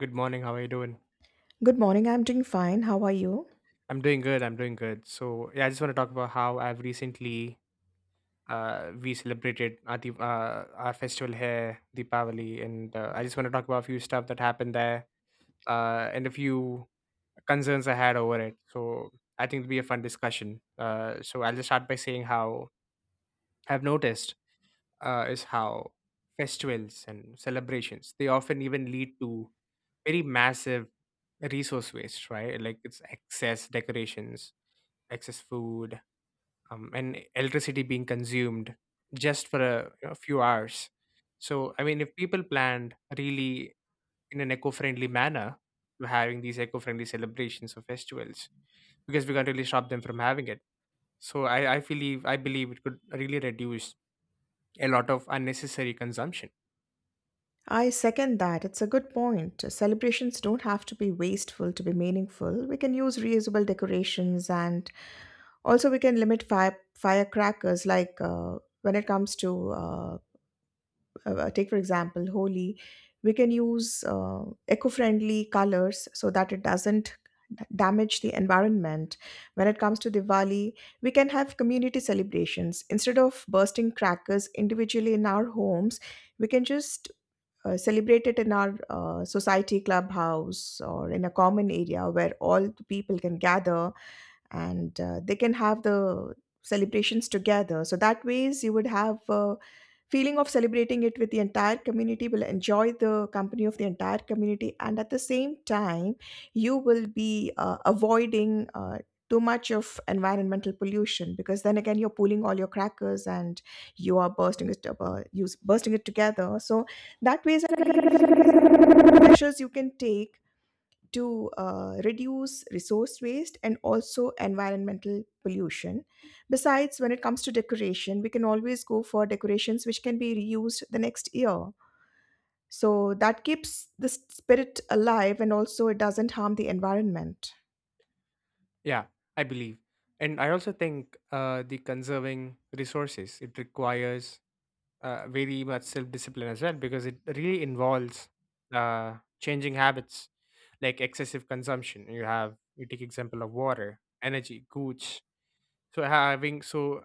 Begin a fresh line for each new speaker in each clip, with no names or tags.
Good morning. How are you doing? I'm doing good. I'm doing good. So yeah, I just want to talk about how I've recently we celebrated our our festival here, Deepavali, and I just want to talk about a few stuff that happened there, and a few concerns I had over it. So I think it'll be a fun discussion. So I'll just start by saying how I've noticed is how festivals and celebrations they often even lead to very massive resource waste, right? Like it's excess decorations, excess food, and electricity being consumed just for a, you know, few hours. So, I mean, if people planned really in an eco-friendly manner, to having these eco-friendly celebrations or festivals, because we can't really stop them from having it. So, I believe it could really reduce a lot of unnecessary consumption. Yeah, I believe, and I also think the conserving resources it requires very much self-discipline as well because it really involves changing habits like excessive consumption, you have you take example of water, energy, goods. So having so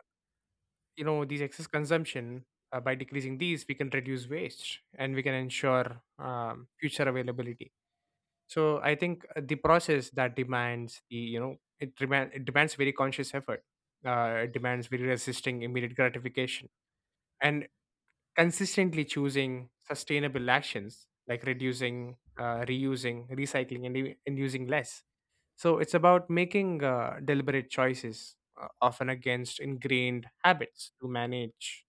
you know, these excess consumption, by decreasing these we can reduce waste and we can ensure future availability. So I think the process that demands the, it demands very conscious effort. It demands very resisting immediate gratification, and consistently choosing sustainable actions like reducing, reusing, recycling, and using less. So it's about making deliberate choices often against ingrained habits to manage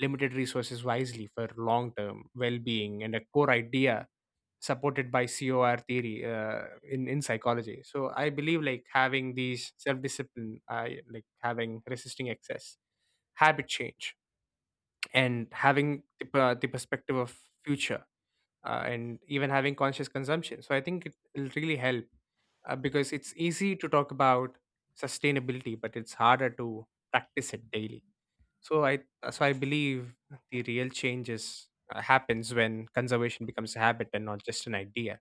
limited resources wisely for long term well being, and a core idea supported by cor theory, in psychology. So I believe like having these self discipline, like having resisting excess, habit change, and having the perspective of future, and even having conscious consumption. So I think it will really help, because it's easy to talk about sustainability but it's harder to practice it daily. So I believe the real changes happens when conservation becomes a habit and not just an idea.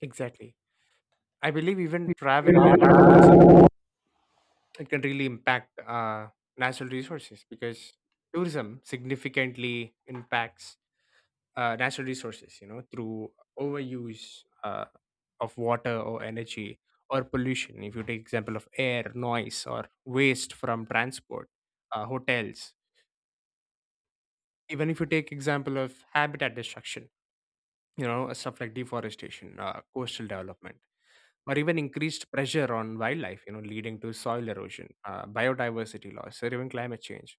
Exactly. I believe even travel and tourism it can really impact natural resources, because tourism significantly impacts natural resources, you know, through overuse of water or energy or pollution. If you take example of air, noise, or waste from transport, hotels. Even if you take example of habitat destruction, you know, stuff like deforestation, coastal development, or even increased pressure on wildlife, you know, leading to soil erosion, biodiversity loss, or even climate change.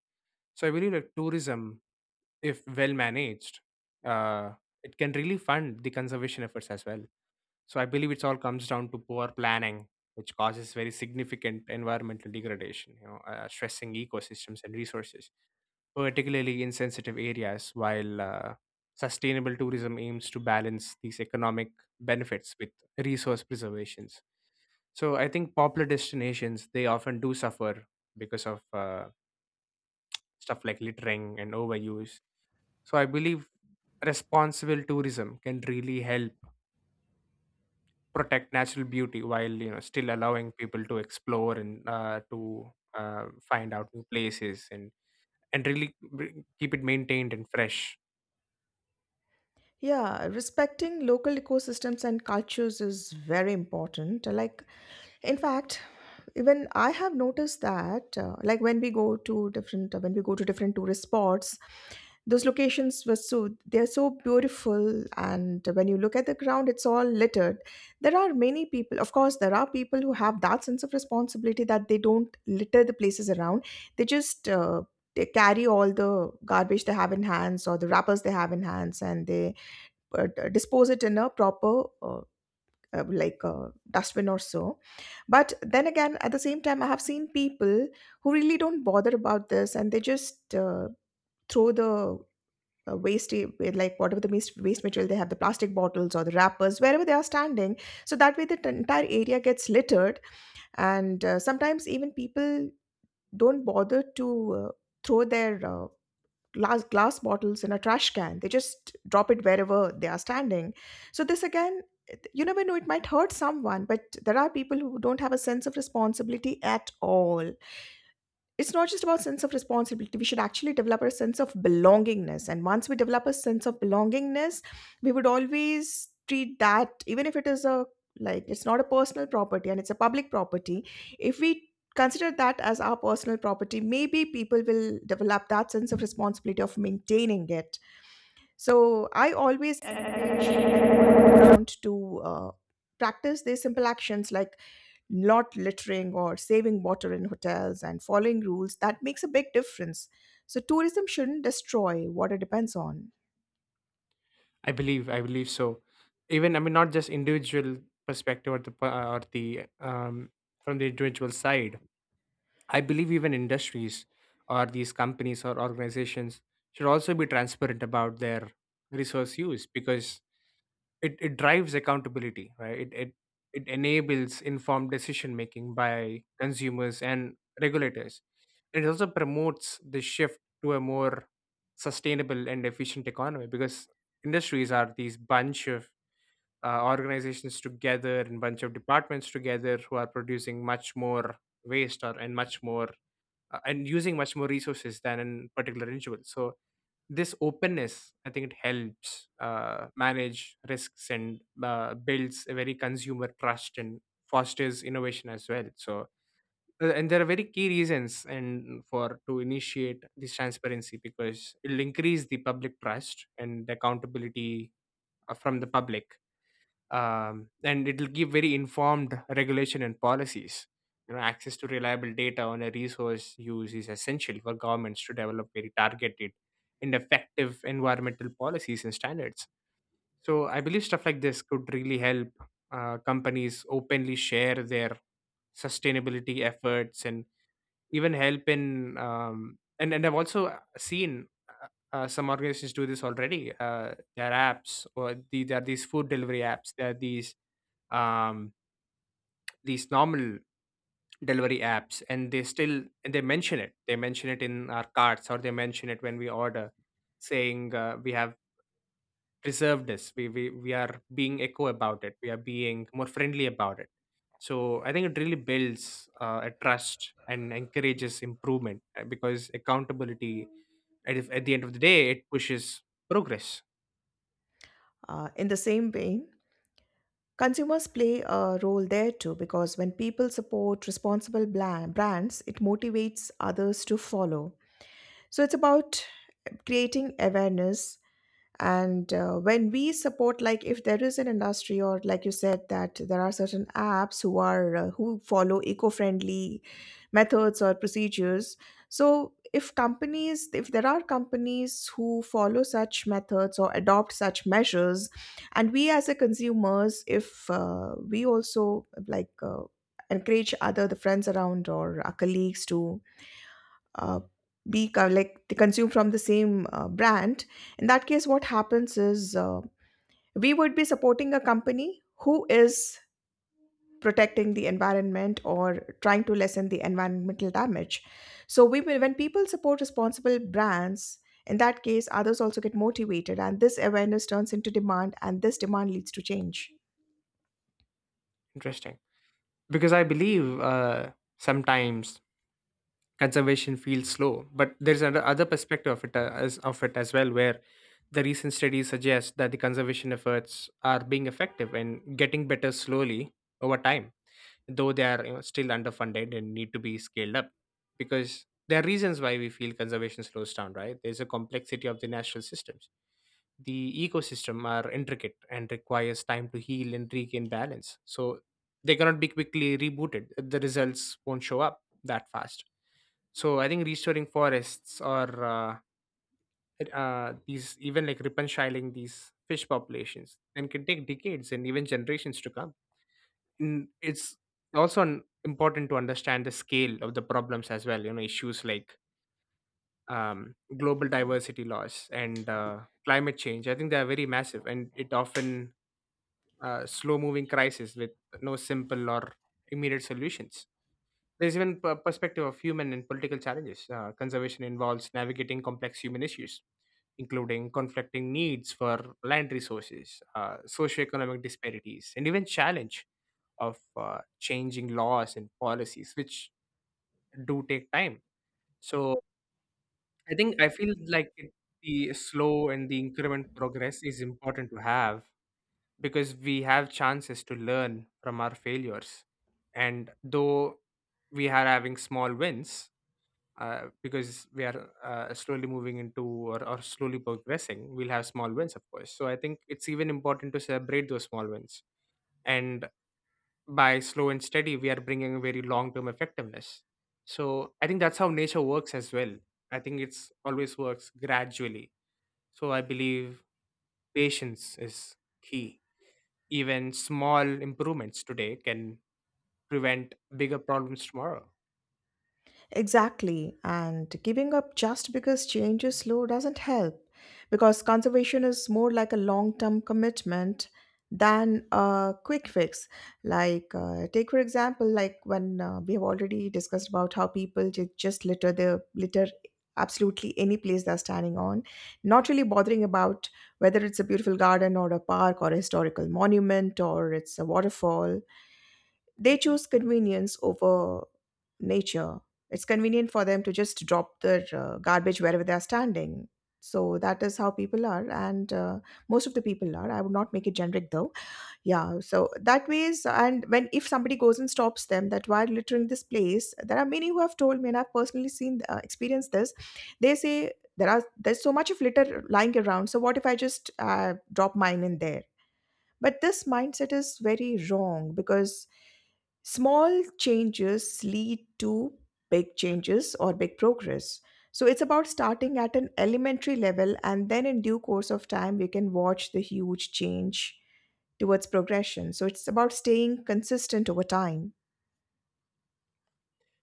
So I believe that tourism, if well managed, uh, it can really fund the conservation efforts as well. So I believe it's all comes down to poor planning, which causes very significant environmental degradation, you know, stressing ecosystems and resources, particularly in sensitive areas, while sustainable tourism aims to balance these economic benefits with resource preservations. So I think popular destinations, they often do suffer because of stuff like littering and overuse. So I believe responsible tourism can really help protect natural beauty while, you know, still allowing people to explore and to find out new places, and keep it maintained and fresh. I believe so. Even, I mean, not just individual perspective, or or the, from the individual side, I believe even industries or these companies or organizations should also be transparent about their resource use, because it drives accountability, right? It enables informed decision making by consumers and regulators. It also promotes the shift to a more sustainable and efficient economy, because industries are these bunch of organizations together and bunch of departments together who are producing much more waste or and much more, and using much more resources than in particular individual. So this openness, I think it helps manage risks and builds a very consumer trust and fosters innovation as well. And there are very key reasons and for to initiate this transparency, because it'll increase the public trust and the accountability from the public, and it will give very informed regulation and policies. You know, access to reliable data on a resource use is essential for governments to develop very targeted and effective environmental policies and standards. So I believe stuff like this could really help companies openly share their sustainability efforts and even help in, and I've also seen some organizations do this already. There are apps, there are these food delivery apps. There are um, these normal delivery apps, and they still and they mention it. They mention it in our carts, or they mention it when we order, saying we have reservedness. We are being echo about it. We are being more friendly about it. So I think it really builds a trust and encourages improvement, because accountability at, if- at the end of the day it pushes progress. Interesting, because I believe sometimes conservation feels slow, but there's another perspective of it as of it as well, where the recent studies suggest that the conservation efforts are being effective and getting better slowly over time, though they are, you know, still underfunded and need to be scaled up. Because there are reasons why we feel conservation slows down, right? There's a complexity of the natural systems. The ecosystem are intricate and requires time to heal and regain balance, so they cannot be quickly rebooted. The results won't show up that fast. So I think restoring forests or these, even like repenshiling these fish populations and can take decades and even generations to come. It's also important to understand the scale of the problems as well. You know, issues like global diversity loss and, climate change, I think they are very massive, and it often slow moving crisis with no simple or immediate solutions. There's even a perspective of human and political challenges. Conservation involves navigating complex human issues, including conflicting needs for land resources, socioeconomic disparities, and even challenge of changing laws and policies, which do take time. So I think I feel like the slow and the increment progress is important to have, because we have chances to learn from our failures. And though we are having small wins, because we are slowly moving into, or slowly progressing, we'll have small wins, of course. So I think it's even important to celebrate those small wins. And by slow and steady, we are bringing a very long term effectiveness. So I think that's how nature works as well. I think it's always works gradually. So I believe patience is key. Even small improvements today can prevent bigger problems tomorrow.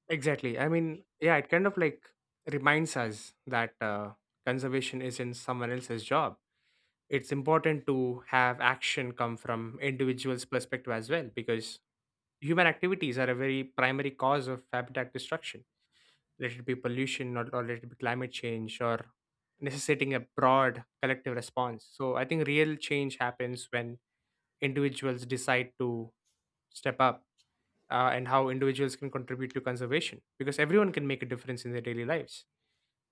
Exactly. I mean, yeah, it kind of like reminds us that conservation isn't someone else's job. It's important to have action come from individuals' perspective as well, because human activities are a very primary cause of habitat destruction. Let it be pollution, or let it be climate change, or necessitating a broad collective response. So I think real change happens when individuals decide to step up, and how individuals can contribute to conservation, because everyone can make a difference in their daily lives.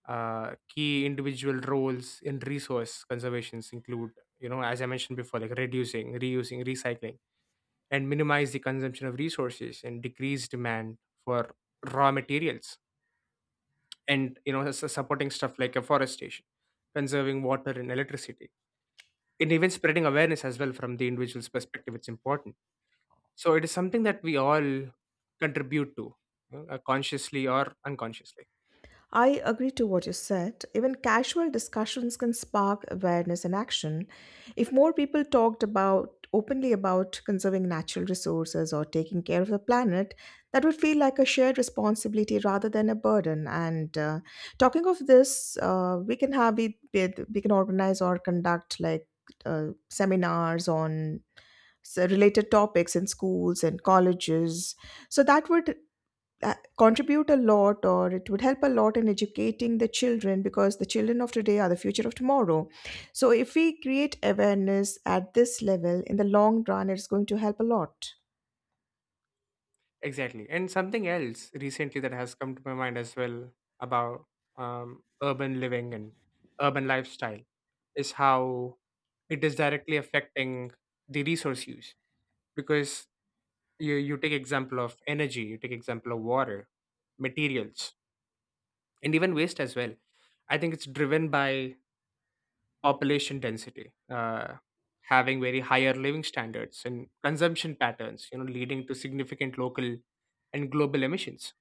Key individual roles in resource conservations include, you know, as I mentioned before, like reducing, reusing, recycling, and minimize the consumption of resources and decrease demand for raw materials, and you know, supporting stuff like afforestation, conserving water and electricity, and even spreading awareness as well. From the individual's perspective it's important. So it is something that we all contribute to, you know, consciously or unconsciously. Exactly. And something else recently that has come to my mind as well about urban living and urban lifestyle is how it is directly affecting the resource use, because you take example of energy, you take example of water, materials, and even waste as well. I think it's driven by population density, having very higher living standards and consumption patterns, you know, leading to significant local and global emissions.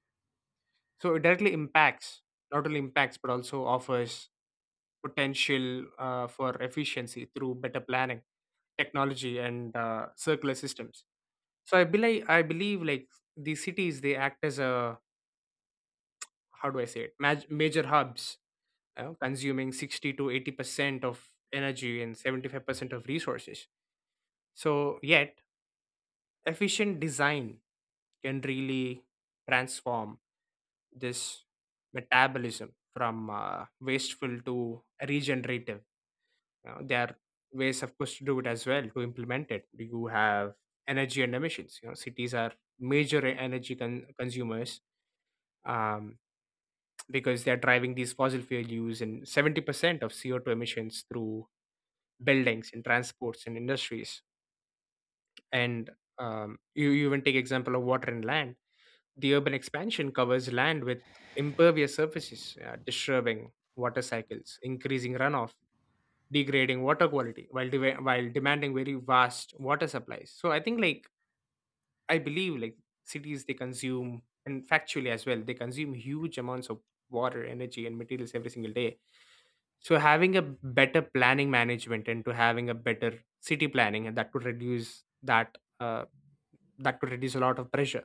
So it directly impacts, not only impacts, but also offers potential for efficiency through better planning, technology, and circular systems. So I believe like these cities, they act as a, how do I say it, major hubs, you know, consuming 60 to 80% of energy and 75% of resources. So, yet, efficient design can really transform this metabolism from wasteful to regenerative. You know, there are ways, of course, to do it as well, to implement it. You have energy and emissions. You know, cities are major consumers um, because they're driving these fossil fuel use and 70% of CO2 emissions through buildings and transports and industries. And you even take example of water and land. The urban expansion covers land with impervious surfaces, disturbing water cycles, increasing runoff, degrading water quality, while demanding very vast water supplies. So I believe like cities, they consume, and factually as well they consume huge amounts of water, energy, and materials every single day. So having a better planning management and to having a better city planning, and that could reduce a lot of pressure.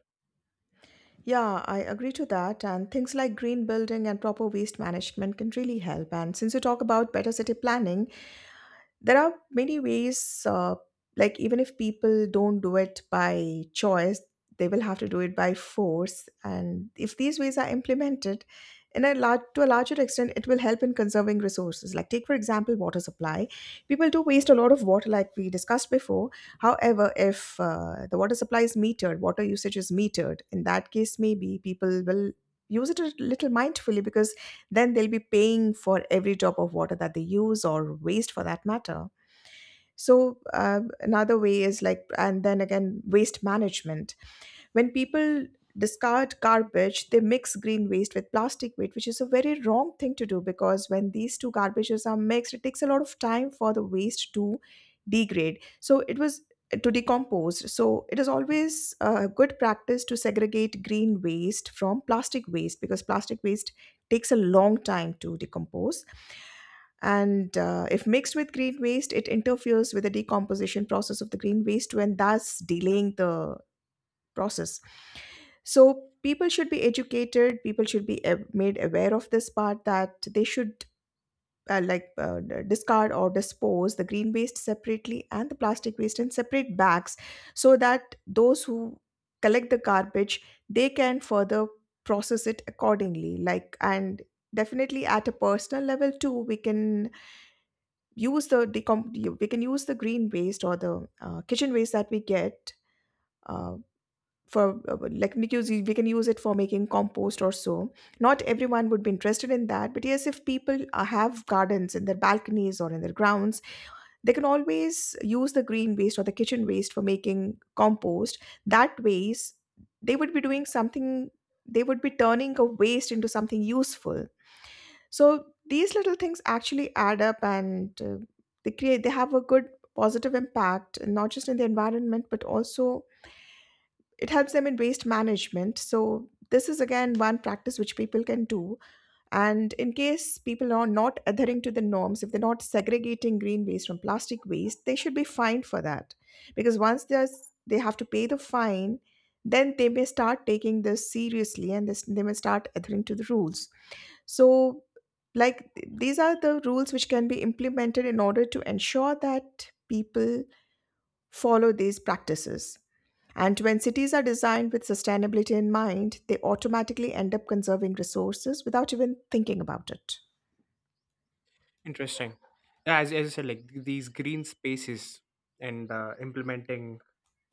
Interesting. Yeah, as I said, like these green spaces and implementing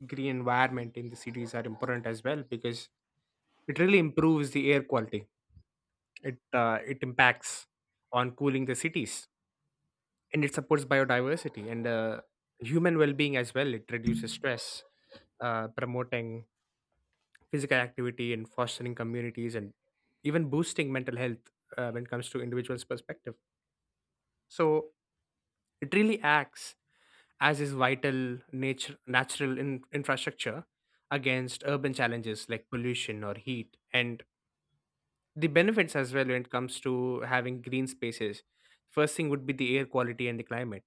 green environment in the cities are important as well, because it really improves the air quality. It impacts on cooling the cities, and it supports biodiversity and human well-being as well. It reduces stress, promoting physical activity and fostering communities and even boosting mental health when it comes to individuals' perspective. So it really acts as is vital nature natural infrastructure against urban challenges like pollution or heat. And the benefits as well, when it comes to having green spaces, first thing would be the air quality and the climate.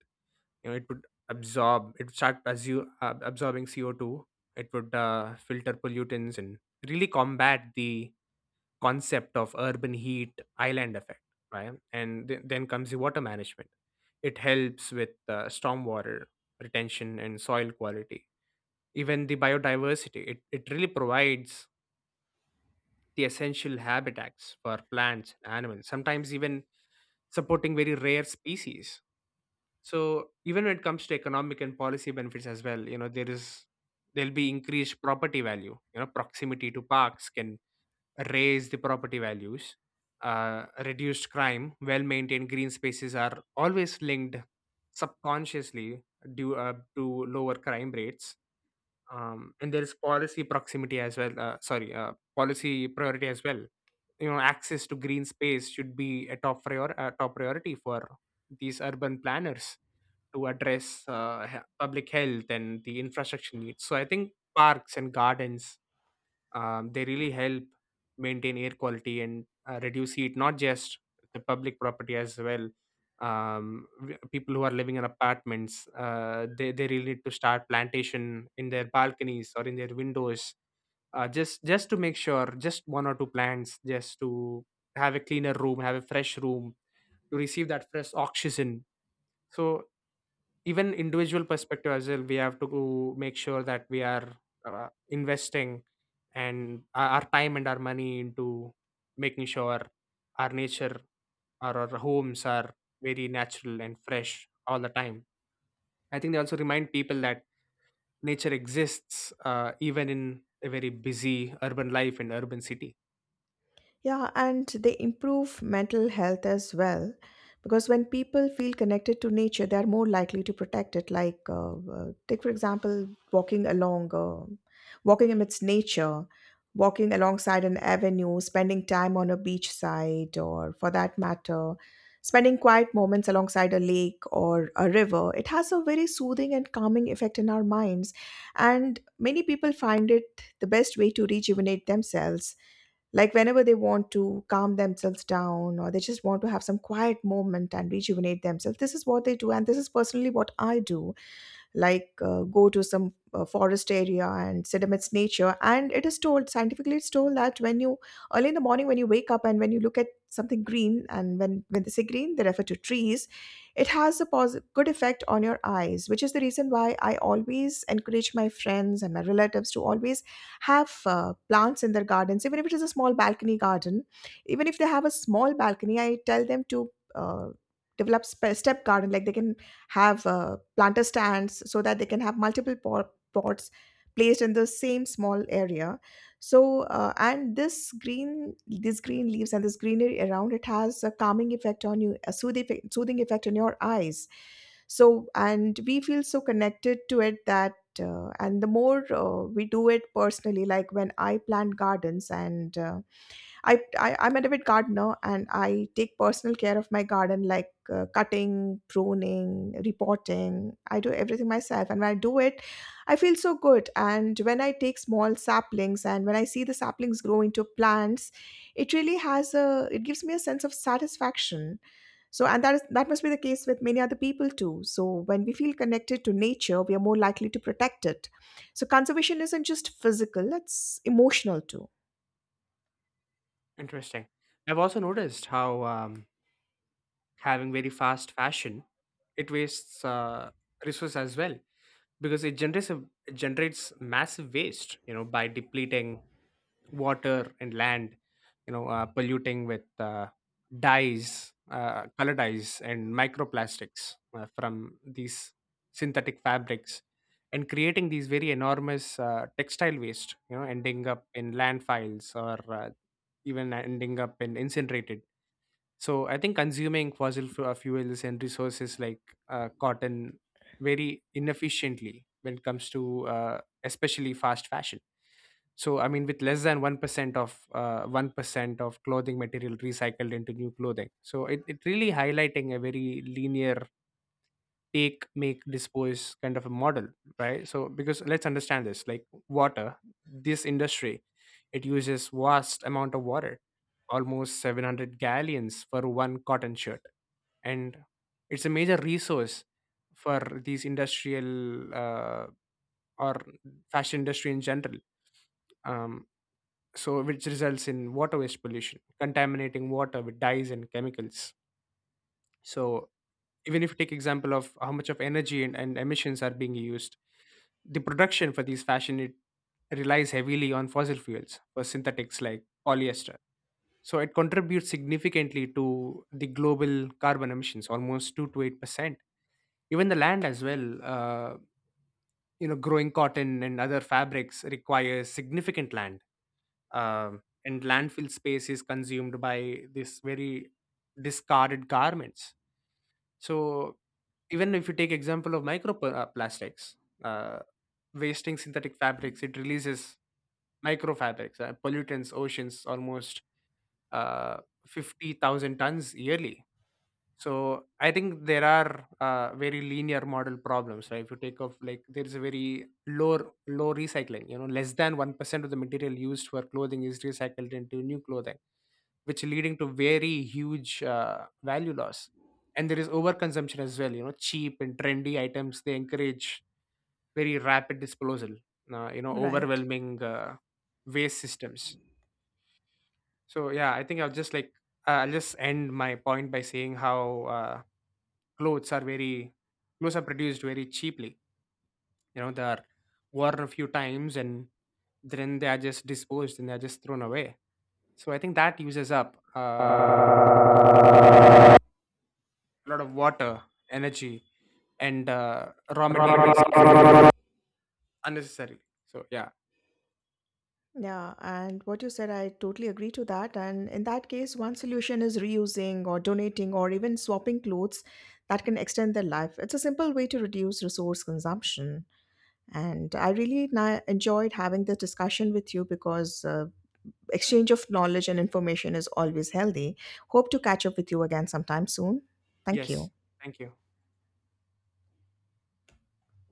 You know, it would start as you absorbing CO2. It would filter pollutants and really combat the concept of urban heat island effect, right? And then comes the water management. It helps with stormwater retention and soil quality. Even the biodiversity, it really provides the essential habitats for plants and animals, sometimes even supporting very rare species. So even when it comes to economic and policy benefits as well, you know, there'll be increased property value. You know, proximity to parks can raise the property values, reduced crime, well maintained green spaces are always linked subconsciously due to lower crime rates. And there is policy proximity as well. Sorry, Policy priority as well. You know, access to green space should be a top priority for these urban planners to address public health and the infrastructure needs. So I think parks and gardens they really help maintain air quality and reduce heat, not just the public property as well. People who are living in apartments, they really need to start plantation in their balconies or in their windows, just to make sure, just one or two plants, just to have a fresh room to receive that fresh oxygen. So even individual perspective as well, we have to make sure that we are investing and our time and our money into making sure our nature or our homes are very natural and fresh all the time. I think they also remind people that nature exists even in a very busy urban life, in urban city. Interesting. I've also noticed how having very fast fashion, it wastes resources as well, because it generates massive waste. You know, by depleting water and land, you know, polluting with dyes color dyes and microplastics from these synthetic fabrics, and creating these very enormous textile waste, you know, ending up in landfills or even ending up in incinerated. So I think consuming fuels and resources like cotton very inefficiently when it comes to especially fast fashion. So I mean, with less than 1% of 1% of clothing material recycled into new clothing, so it really highlighting a very linear take make dispose kind of a model, right? So because let's understand this, like water, this industry, it uses vast amount of water, almost 700 gallons for one cotton shirt. And it's a major resource for these industrial or fashion industry in general. um, so which results in water waste pollution, contaminating water with dyes and chemicals. So even if you take example of how much of energy and emissions are being used, the production for these fashion, it relies heavily on fossil fuels for synthetics like polyester. So it contributes significantly to the global carbon emissions, almost 2 to 8 percent. Even the land as well, you know, growing cotton and other fabrics requires significant land. And landfill space is consumed by this very discarded garments. So even if you take example of microplastics, uh, wasting synthetic fabrics, it releases micro pollutants, oceans, almost uh, 50,000 tons yearly. So I think there are very linear model problems, right? If you take off, like there is a very low recycling, you know, less than 1% of the material used for clothing is recycled into new clothing, which leading to very huge value loss. And there is overconsumption as well. You know, cheap and trendy items, they encourage very rapid disposal, you know, overwhelming waste systems. So yeah, I think I'll just end my point by saying how uh, clothes are very clothes are produced very cheaply. You know, they are worn a few times, and then they are just disposed, and they're just thrown away. So I think that uses up
Romantic.
a lot of water, energy, and raw materials unnecessarily. So yeah, yes, thank you.